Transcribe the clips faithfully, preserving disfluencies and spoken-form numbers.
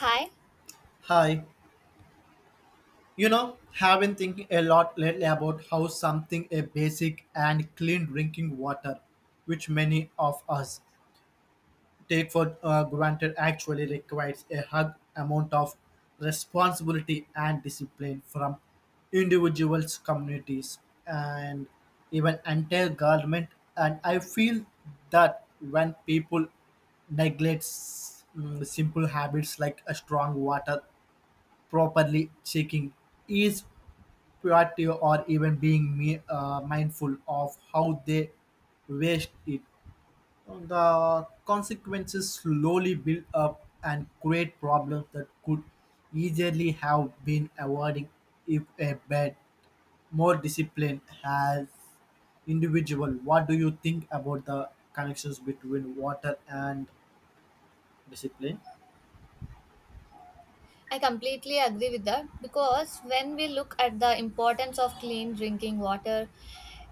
Hi, Hi. You know, have been thinking a lot lately about how something a basic and clean drinking water, which many of us take for uh, granted, actually requires a hug amount of responsibility and discipline from individuals, communities, and even entire government. And I feel that when people neglects mm, simple habits like a strong water properly checking each potato or even being me uh, mindful of how they waste it. The consequences slowly build up and create problems that could easily have been avoided if a bad, more discipline has individual. What do you think about the connections between water and discipline? I completely agree with that because when we look at the importance of clean drinking water,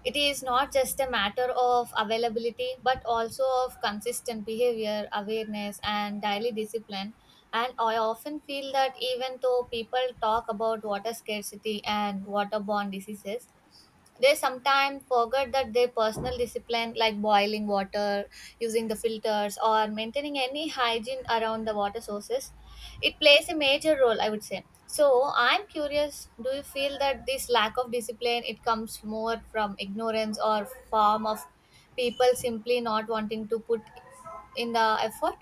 it is not just a matter of availability but also of consistent behavior, awareness, and daily discipline. And I often feel that even though people talk about water scarcity and waterborne diseases, they sometimes forget that their personal discipline like boiling water using the filters or maintaining any hygiene around the water sources, it plays a major role, I would say. So I'm curious, do you feel that this lack of discipline, it comes more from ignorance or form of people simply not wanting to put in the effort?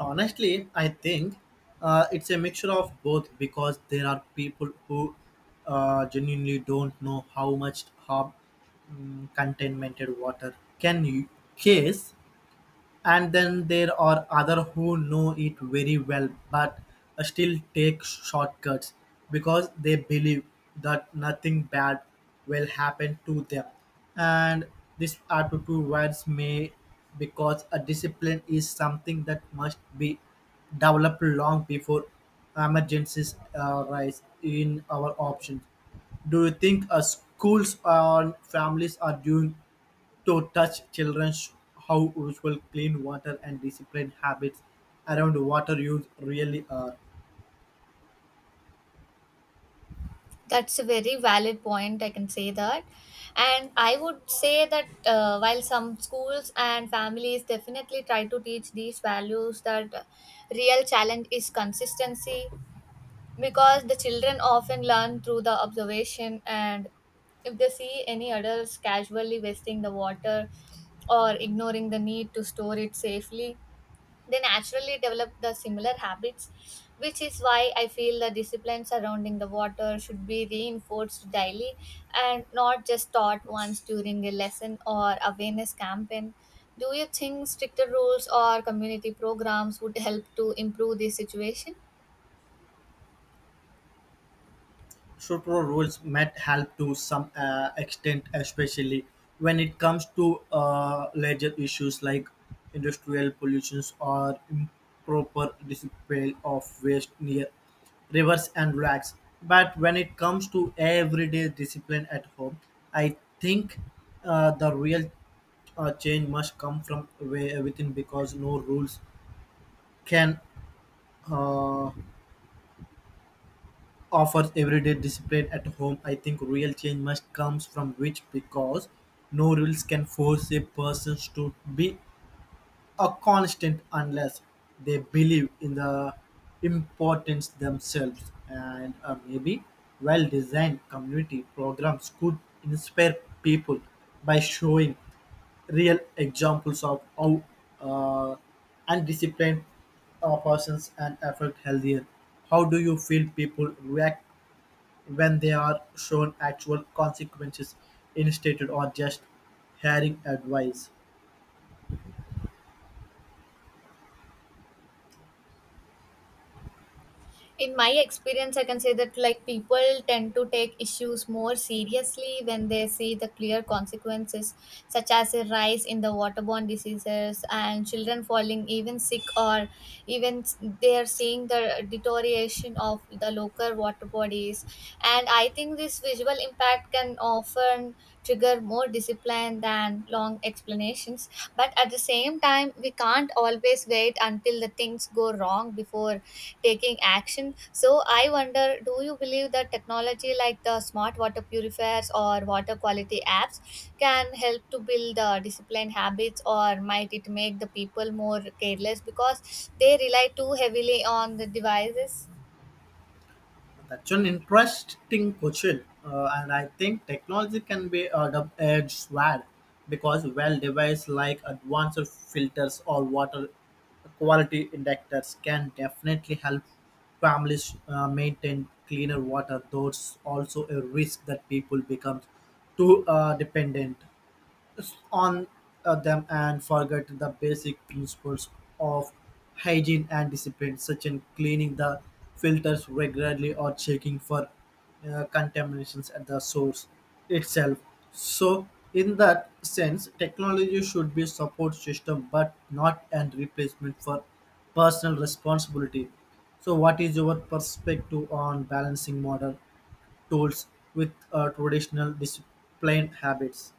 Honestly, I think uh, it's a mixture of both because there are people who uh, genuinely don't know how much harm um, contaminated water can you case and then there are other who know it very well but still take shortcuts because they believe that nothing bad will happen to them. And this attitude words may because a discipline is something that must be developed long before emergencies arise in our options. Do you think uh, schools and families are doing to teach children how ritual, clean water, and disciplined habits around water use really are. That's a very valid point. I can say that. And I would say that uh, while some schools and families definitely try to teach these values, that uh, real challenge is consistency because the children often learn through the observation. And if they see any adults casually wasting the water or ignoring the need to store it safely, they naturally develop the similar habits, which is why I feel the discipline surrounding the water should be reinforced daily and not just taught once during a lesson or awareness campaign. Do you think stricter rules or community programs would help to improve this situation? Sutro rules might help to some uh, extent, especially when it comes to uh, larger issues like industrial pollutions or improper disposal of waste near rivers and lakes. But when it comes to everyday discipline at home, I think uh, the real uh, change must come from wi- within because no rules can. Uh, Offers everyday discipline at home. I think real change must comes from which because no rules can force a person to be a constant unless they believe in the importance themselves and uh, maybe well-designed community programs could inspire people by showing real examples of how uh, undisciplined uh, persons and affect healthier. How do you feel people react when they are shown actual consequences instead or just hearing advice? In my experience I can say that, like, people tend to take issues more seriously when they see the clear consequences such as a rise in the waterborne diseases and children falling even sick, or even s- they are seeing the deterioration of the local water bodies. And I think this visual impact can often trigger more discipline than and long explanations. But at the same time, we can't always wait until the things go wrong before taking action. So I wonder, do you believe that technology like the smart water purifiers or water quality apps can help to build the disciplined habits, or might it make the people more careless because they rely too heavily on the devices? That's an interesting question, uh, and I think technology can be a double-edged sword because well devices like advanced filters or water quality indicators can definitely help families uh, maintain cleaner water. Though it's also a risk that people become too uh, dependent on uh, them and forget the basic principles of hygiene and discipline, such as cleaning the filters regularly or checking for uh, contaminations at the source itself. So, in that sense, technology should be support system, but not an replacement for personal responsibility. So, what is your perspective on balancing modern tools with uh, traditional discipline habits?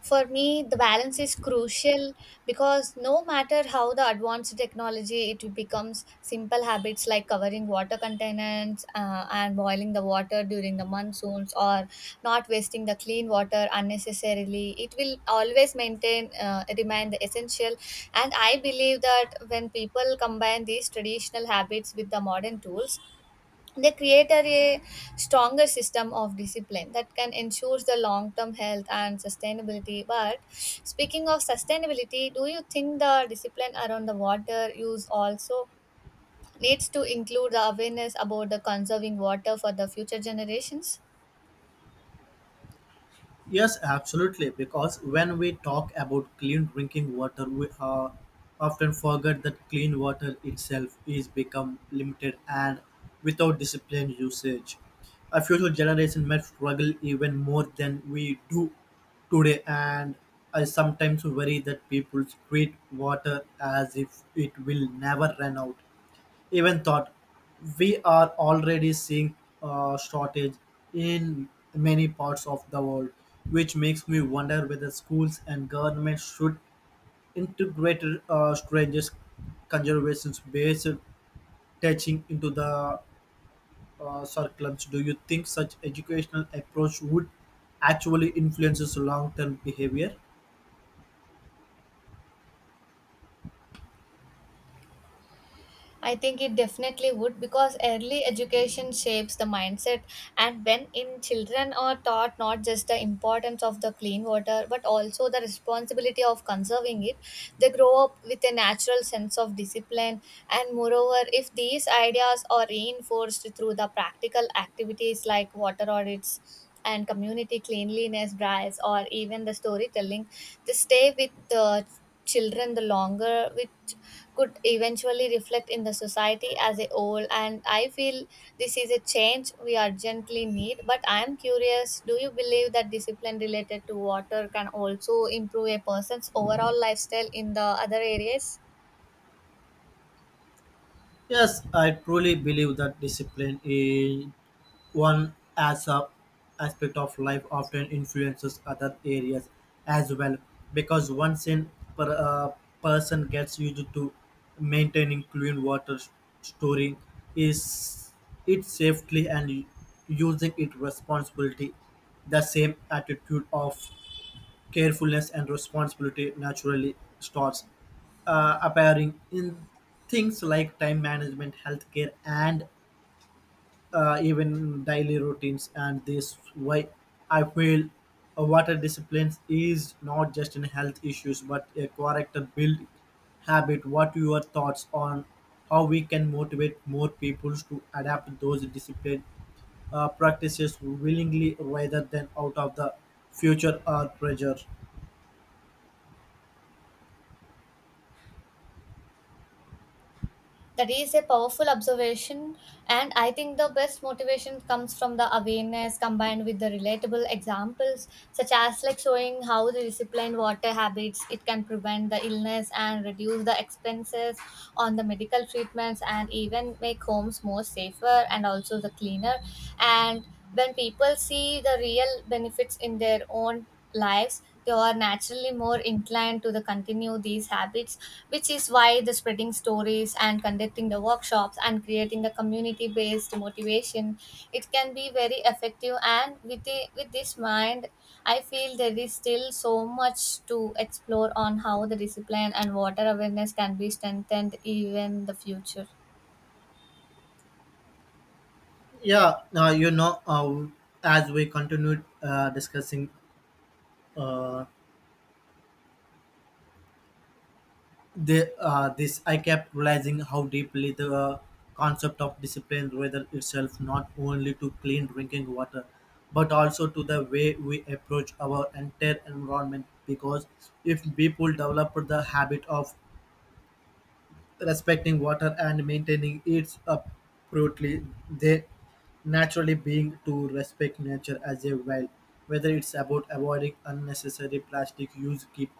For me, the balance is crucial because no matter how the advanced technology, it becomes simple habits like covering water containers uh, and boiling the water during the monsoons or not wasting the clean water unnecessarily. It will always maintain, uh, remain the essential. And I believe that when people combine these traditional habits with the modern tools, they create a stronger system of discipline that can ensure the long-term health and sustainability. But speaking of sustainability, do you think the discipline around the water use also needs to include the awareness about the conserving water for the future generations? Yes, absolutely. Because when we talk about clean drinking water, we uh, often forget that clean water itself is become limited and without disciplined usage. A future generation might struggle even more than we do today, and I sometimes worry that people treat water as if it will never run out, even thought we are already seeing a shortage in many parts of the world, which makes me wonder whether schools and governments should integrate uh, strangers conservation based teaching into the uh, curriculums. Do you think such educational approach would actually influences long-term behavior? I think it definitely would because early education shapes the mindset, and when in children are taught not just the importance of the clean water but also the responsibility of conserving it, they grow up with a natural sense of discipline. And moreover, if these ideas are reinforced through the practical activities like water audits and community cleanliness drives, or even the storytelling, they stay with the children the longer, which could eventually reflect in the society as a whole. And I feel this is a change we urgently need. But I am curious, do you believe that discipline related to water can also improve a person's overall lifestyle in the other areas? Yes, I truly believe that discipline is one as a aspect of life often influences other areas as well because once in per, uh, person gets used to maintaining clean water s- storing is it safely and u- using it responsibility, the same attitude of carefulness and responsibility naturally starts uh, appearing in things like time management, healthcare, and uh, even daily routines, and this why I feel uh, water discipline is not just in health issues but a character build habit. What your thoughts on how we can motivate more people to adapt those discipline uh, practices willingly rather than out of the future or pressure? That is a powerful observation, and I think the best motivation comes from the awareness combined with the relatable examples, such as like showing how the disciplined water habits, it can prevent the illness and reduce the expenses on the medical treatments and even make homes more safer and also the cleaner. And when people see the real benefits in their own lives, they are naturally more inclined to the continue these habits, which is why the spreading stories and conducting the workshops and creating the community-based motivation, it can be very effective. And with the, with this mind, I feel there is still so much to explore on how the discipline and water awareness can be strengthened even the future. yeah uh, you know uh, as we continued uh, discussing uh, The, uh, this I kept realizing how deeply the uh, concept of discipline rather itself not only to clean drinking water but also to the way we approach our entire environment because if people develop the habit of respecting water and maintaining its appropriately, they naturally being to respect nature as a well, whether it's about avoiding unnecessary plastic use keep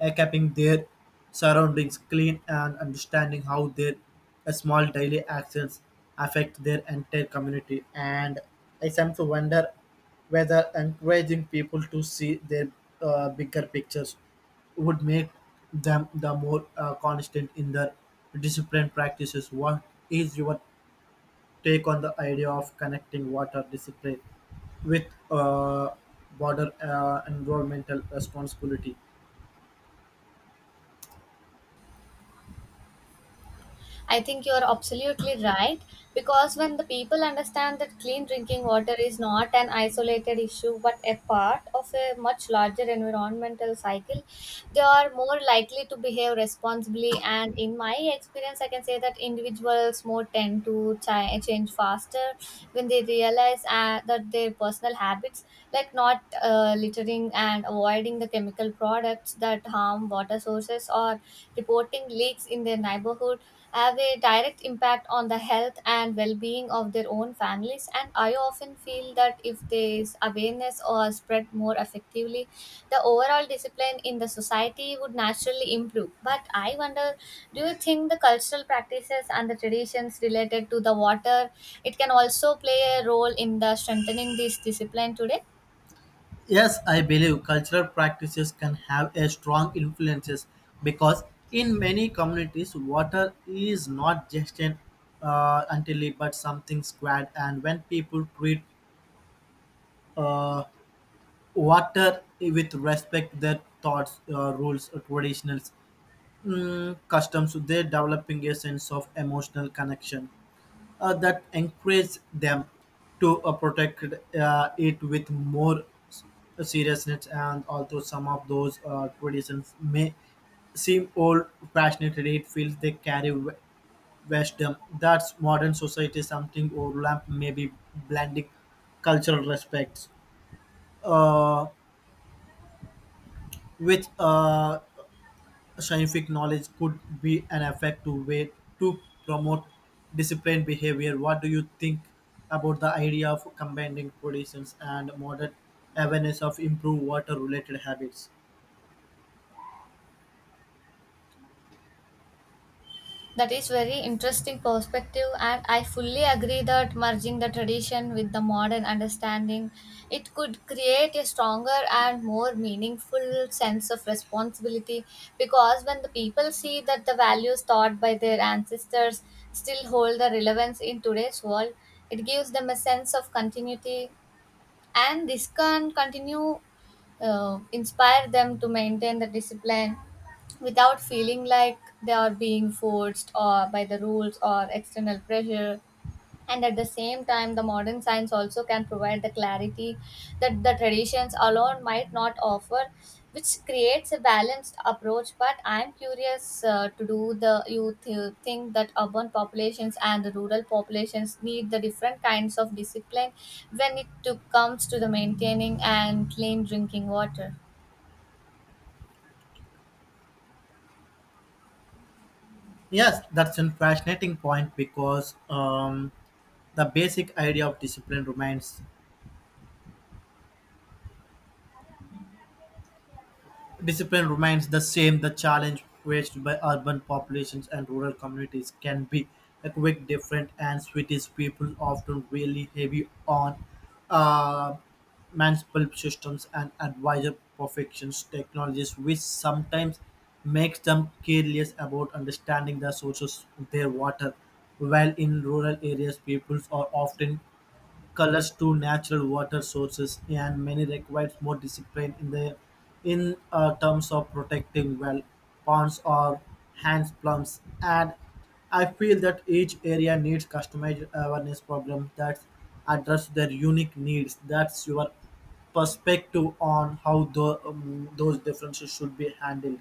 uh, keeping their surroundings clean and understanding how their uh, small daily actions affect their entire community. And I sometimes wonder whether encouraging people to see their uh, bigger pictures would make them the more uh, constant in their discipline practices. What is your take on the idea of connecting water discipline with uh, border uh, environmental responsibility? I think you are absolutely right because when the people understand that clean drinking water is not an isolated issue but a part of a much larger environmental cycle, they are more likely to behave responsibly. And in my experience, I can say that individuals more tend to chi- change faster when they realize uh, that their personal habits, like not uh, littering and avoiding the chemical products that harm water sources or reporting leaks in their neighborhood have a direct impact on the health and well-being of their own families. And I often feel that if this awareness or spread more effectively, the overall discipline in the society would naturally improve. But I wonder, do you think the cultural practices and the traditions related to the water, it can also play a role in the strengthening this discipline today? Yes, I believe cultural practices can have a strong influences because in many communities, water is not just an uh, until it- but something squared. And when people treat uh, water with respect, their thoughts, uh, rules, or traditionals, mm, customs, they're developing a sense of emotional connection uh, that encourage them to uh, protect uh, it with more s- seriousness, and although some of those uh, traditions may seem old fashioned, it feels they carry w- wisdom that's modern society something overlap. Maybe blending cultural respects uh, with uh, scientific knowledge could be an effective way to promote disciplined behavior. What do you think about the idea of combining traditions and modern awareness of improved water-related habits? That is very interesting perspective, and I fully agree that merging the tradition with the modern understanding, it could create a stronger and more meaningful sense of responsibility because when the people see that the values taught by their ancestors still hold the relevance in today's world, it gives them a sense of continuity, and this can continue uh, inspire them to maintain the discipline without feeling like they are being forced or by the rules or external pressure. And at the same time, the modern science also can provide the clarity that the traditions alone might not offer, which creates a balanced approach. But I'm curious, uh, to do the you th- think that urban populations and the rural populations need the different kinds of discipline when it to, comes to the maintaining and clean drinking water? Yes, that's a fascinating point because um, the basic idea of discipline remains Discipline remains the same. The challenge faced by urban populations and rural communities can be a quick different, and Swedish people often really heavy on uh, municipal systems and advisor perfections technologies, which sometimes makes them careless about understanding the sources of their water. While in rural areas, peoples are often colors to natural water sources, and many requires more discipline in the in uh, terms of protecting well ponds or hand plums. And I feel that each area needs customized awareness program that address their unique needs. That's your perspective on how the, um, those differences should be handled.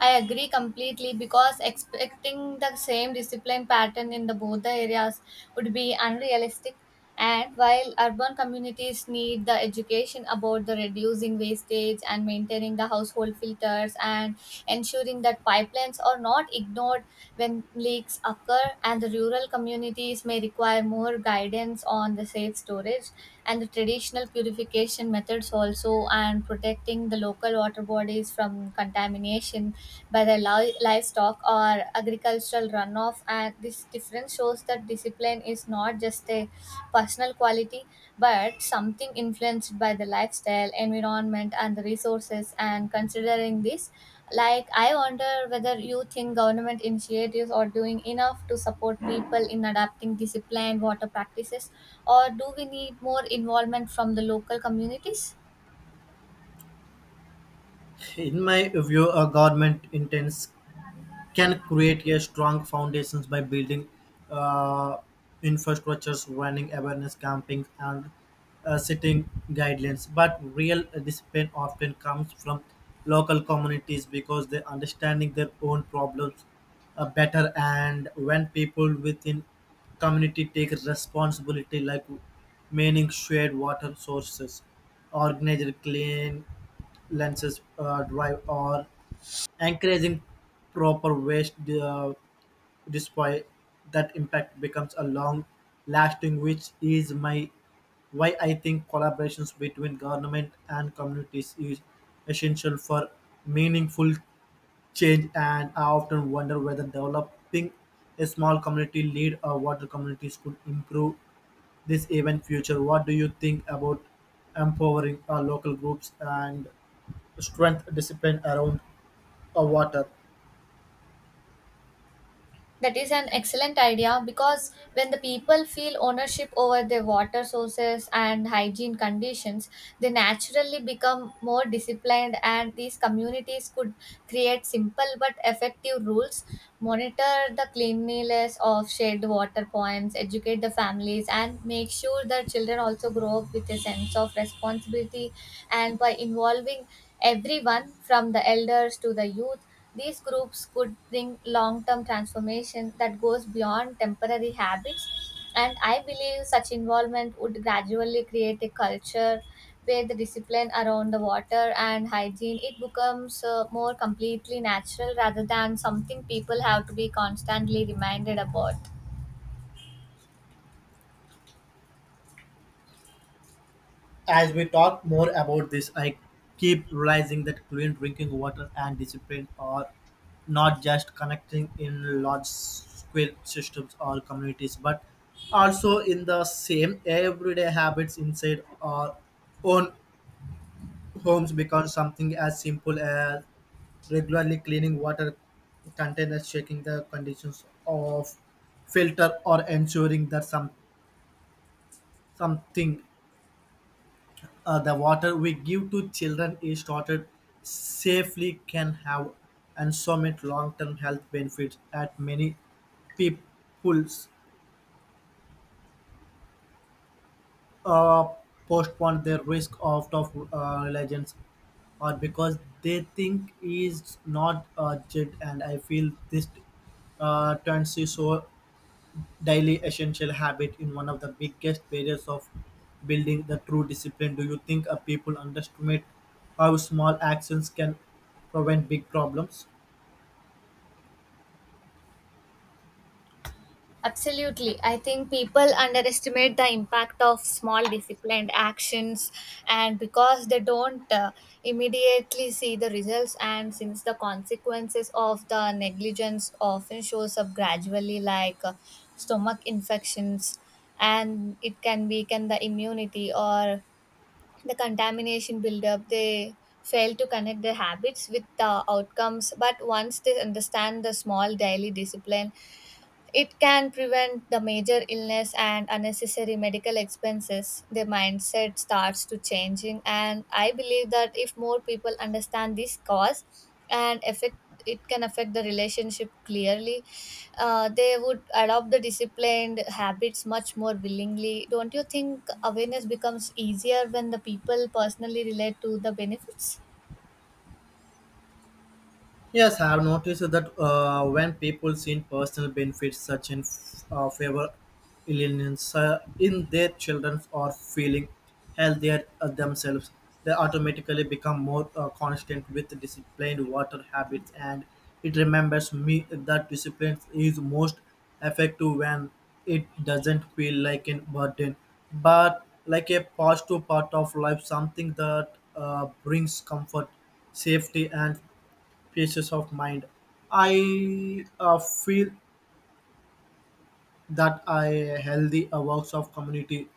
I agree completely because expecting the same discipline pattern in the both the areas would be unrealistic. And while urban communities need the education about the reducing wastage and maintaining the household filters and ensuring that pipelines are not ignored when leaks occur, and the rural communities may require more guidance on the safe storage and the traditional purification methods also and protecting the local water bodies from contamination by the li- livestock or agricultural runoff. And this difference shows that discipline is not just a personal quality but something influenced by the lifestyle environment and the resources. And considering this, like, I wonder whether you think government initiatives are doing enough to support people in adapting disciplined water practices, or do we need more involvement from the local communities? In my view, a government intends can create a strong foundations by building uh, infrastructures, running awareness campaigns, and uh, setting guidelines. But real discipline often comes from local communities because they understanding their own problems uh, better, and when people within community take responsibility, like meaning shared water sources, organized clean lenses uh, drive, or encouraging proper waste uh, disposal, that impact becomes a long lasting, which is my why I think collaborations between government and communities is essential for meaningful change. And I often wonder whether developing a small community lead or water communities could improve this even future. What do you think about empowering our local groups and strength discipline around uh, water? That is an excellent idea because when the people feel ownership over their water sources and hygiene conditions, they naturally become more disciplined, and these communities could create simple but effective rules, monitor the cleanliness of shared water points, educate the families, and make sure that children also grow up with a sense of responsibility. And by involving everyone from the elders to the youth, these groups could bring long term transformation that goes beyond temporary habits, and I believe such involvement would gradually create a culture where the discipline around the water and hygiene, it becomes uh, more completely natural rather than something people have to be constantly reminded about. As we talk more about this, I keep realizing that clean drinking water and discipline are not just connecting in large scale systems or communities, but also in the same everyday habits inside our own homes because something as simple as regularly cleaning water containers, checking the conditions of filter, or ensuring that some something uh, the water we give to children is stored safely, can have and so many long-term health benefits that many peoples uh, postpone their risk out of uh, religions or because they think is not urgent, and I feel this uh, tendency so daily essential habit in one of the biggest barriers of building the true discipline. Do you think uh, people underestimate how small actions can prevent big problems? Absolutely. I think people underestimate the impact of small disciplined actions, and because they don't uh, immediately see the results, and since the consequences of the negligence often shows up gradually, like uh, stomach infections, and it can weaken the immunity or the contamination buildup, they fail to connect their habits with the outcomes. But once they understand the small daily discipline, it can prevent the major illness and unnecessary medical expenses. Their mindset starts to changing, and I believe that if more people understand this cause and affect, it can affect the relationship clearly. Uh, they would adopt the disciplined habits much more willingly. Don't you think awareness becomes easier when the people personally relate to the benefits? Yes, I have noticed that uh, when people see personal benefits such in uh, favor illness uh, in their children or feeling healthier uh, themselves, they automatically become more uh, constant with disciplined water habits. And it remembers me that discipline is most effective when it doesn't feel like a burden, but like a positive part of life, something that uh, brings comfort, safety, and pieces of mind. I uh, feel that I healthy uh, works of community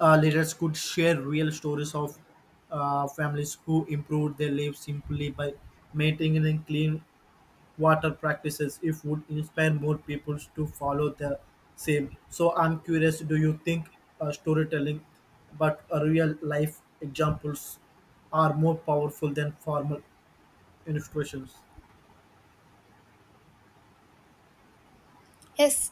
uh, leaders could share real stories of uh, families who improved their lives simply by maintaining clean water practices. If would inspire more people to follow the same. So I'm curious. Do you think uh, storytelling, but uh, real life examples, are more powerful than formal institutions? Yes,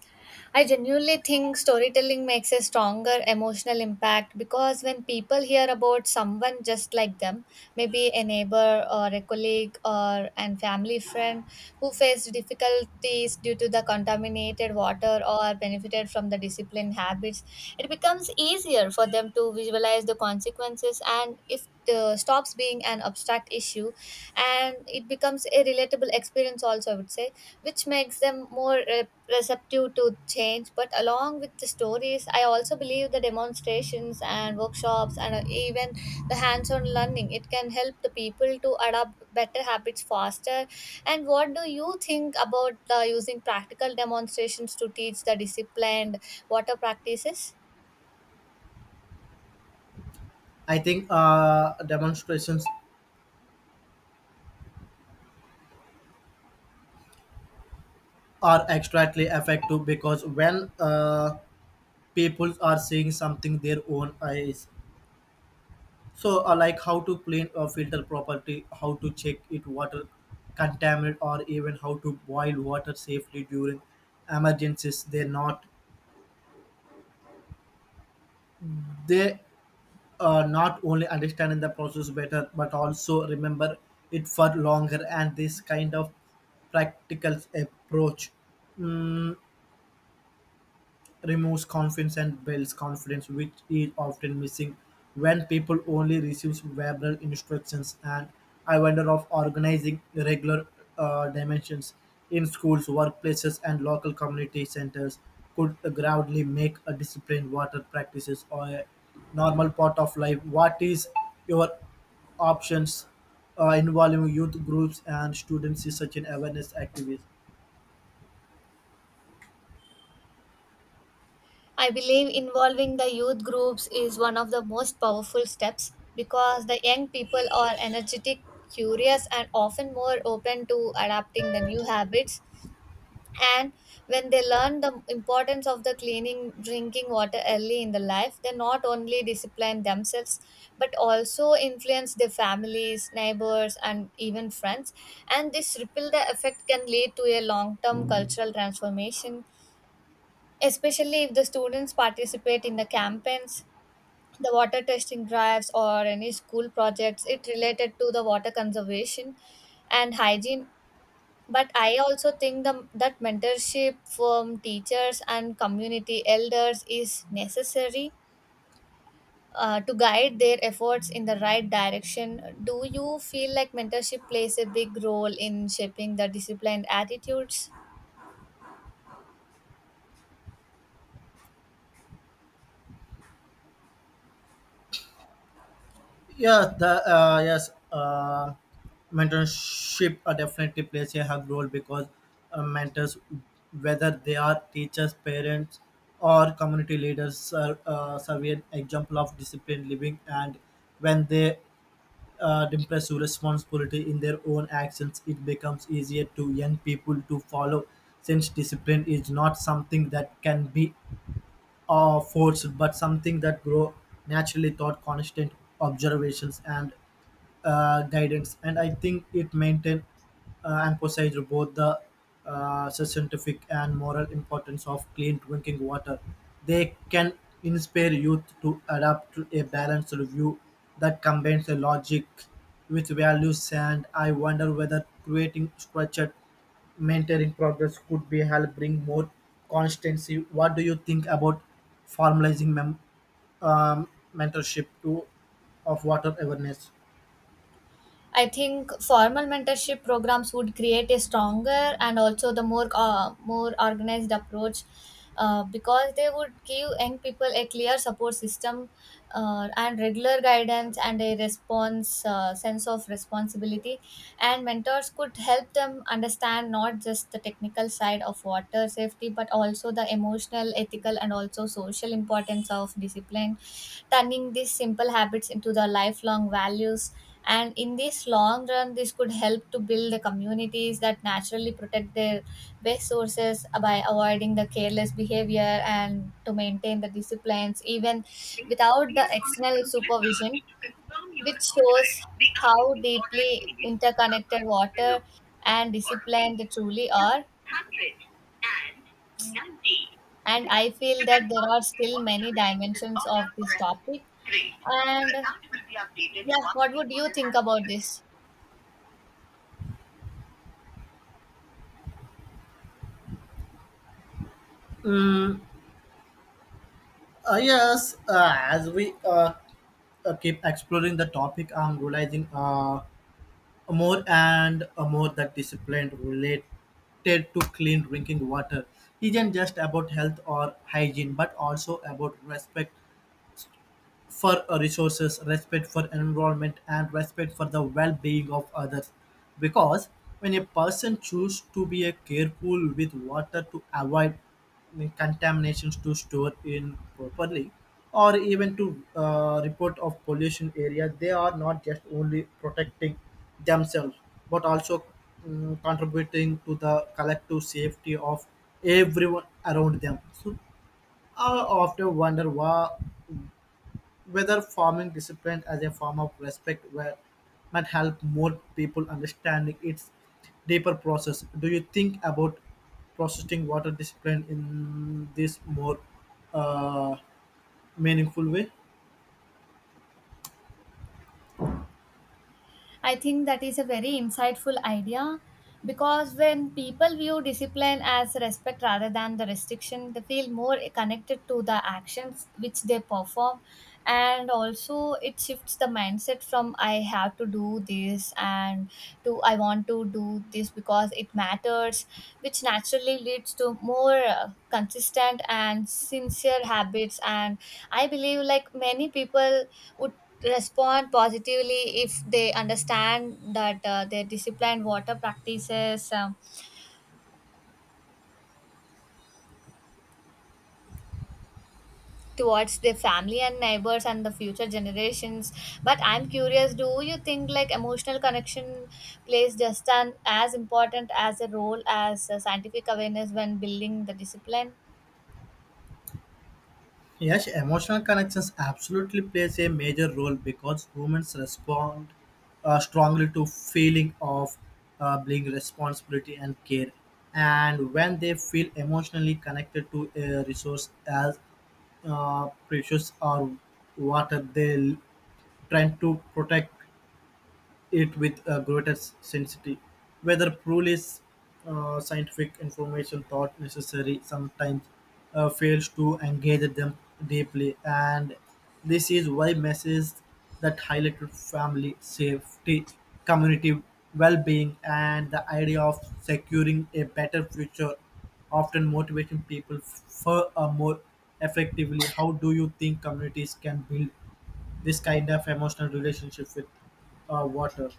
I genuinely think storytelling makes a stronger emotional impact because when people hear about someone just like them, maybe a neighbor or a colleague or an family friend who faced difficulties due to the contaminated water or benefited from the disciplined habits, it becomes easier for them to visualize the consequences, and if uh, stops being an abstract issue and it becomes a relatable experience also, I would say, which makes them more uh, receptive to change. But along with the stories, I also believe the demonstrations and workshops and uh, even the hands-on learning, it can help the people to adopt better habits faster. And what do you think about the using practical demonstrations to teach the disciplined water practices? I think uh, demonstrations are extremely effective because when uh, people are seeing something their own eyes, so uh, like how to clean a filter property, how to check it water contaminant, or even how to boil water safely during emergencies, they not they uh, not only understanding the process better but also remember it for longer, and this kind of practical approach removes confidence and builds confidence, which is often missing when people only receive verbal instructions. And I wonder of organizing regular uh, dimensions in schools, workplaces, and local community centers could gradually make a disciplined water practices or a normal part of life. What is your options uh, involving youth groups and students is such an awareness activist? I believe involving the youth groups is one of the most powerful steps because the young people are energetic, curious, and often more open to adapting the new habits. And when they learn the importance of the cleaning, drinking water early in the life, they not only discipline themselves but also influence their families, neighbors, and even friends. And this ripple the effect can lead to a long term cultural transformation, especially if the students participate in the campaigns, the water testing drives or any school projects it related to the water conservation and hygiene. But I also think the, that mentorship from teachers and community elders is necessary uh, to guide their efforts in the right direction. Do you feel like mentorship plays a big role in shaping the disciplined attitudes? Yeah, the uh, yes, uh, mentorship uh, definitely plays a hug role because uh, mentors, whether they are teachers, parents, or community leaders, are uh, serve an example of disciplined living. And when they uh, impress responsibility in their own actions, it becomes easier to young people to follow. Since discipline is not something that can be uh, forced, but something that grow naturally thought constant observations and uh, guidance, and I think it maintained uh, emphasized both the uh, scientific and moral importance of clean drinking water. They can inspire youth to adapt to a balanced view that combines the logic with values, and I wonder whether creating structured mentoring progress could be help bring more constancy. What do you think about formalizing mem- um, mentorship to of water awareness? I think formal mentorship programs would create a stronger and also the more uh, more organized approach uh, because they would give young people a clear support system uh, and regular guidance and a response uh, sense of responsibility, and mentors could help them understand not just the technical side of water safety but also the emotional ethical and also social importance of discipline, turning these simple habits into the lifelong values. And in this long run, this could help to build the communities that naturally protect their best sources uh, by avoiding the careless behavior and to maintain the disciplines even without the external supervision, which shows how deeply interconnected water and discipline they truly are. And I feel that there are still many dimensions of this topic. And yeah, what would you think about this? Mm, uh, yes, uh, as we uh, uh, keep exploring the topic, I'm realizing uh, more and uh, more that discipline related to clean drinking water isn't just about health or hygiene, but also about respect for resources, respect for environment, and respect for the well-being of others. Because when a person chooses to be a careful with water to avoid the contaminations to store in properly, or even to uh, report of pollution area, they are not just only protecting themselves but also mm, contributing to the collective safety of everyone around them. So I often wonder why whether forming discipline as a form of respect where, might help more people understanding its deeper process. Do you think about processing water discipline in this more uh, meaningful way? I think that is a very insightful idea because when people view discipline as respect rather than the restriction, they feel more connected to the actions which they perform. And also, it shifts the mindset from I have to do this and to I want to do this because it matters, which naturally leads to more uh, consistent and sincere habits. And I believe, like, many people would respond positively if they understand that uh, their disciplined water practices um, towards their family and neighbors and the future generations. But I'm curious, do you think like emotional connection plays just an as important as a role as uh, scientific awareness when building the discipline? Yes, emotional connections absolutely plays a major role because humans respond uh, strongly to feeling of uh, being responsibility and care. And when they feel emotionally connected to a resource as uh, precious or water, they l- trying to protect it with a greater sensitivity. Whether truly uh, scientific information thought necessary sometimes uh, fails to engage them deeply, and this is why messages that highlighted family safety, community well-being, and the idea of securing a better future often motivating people for a more effectively. How do you think communities can build this kind of emotional relationship with uh, water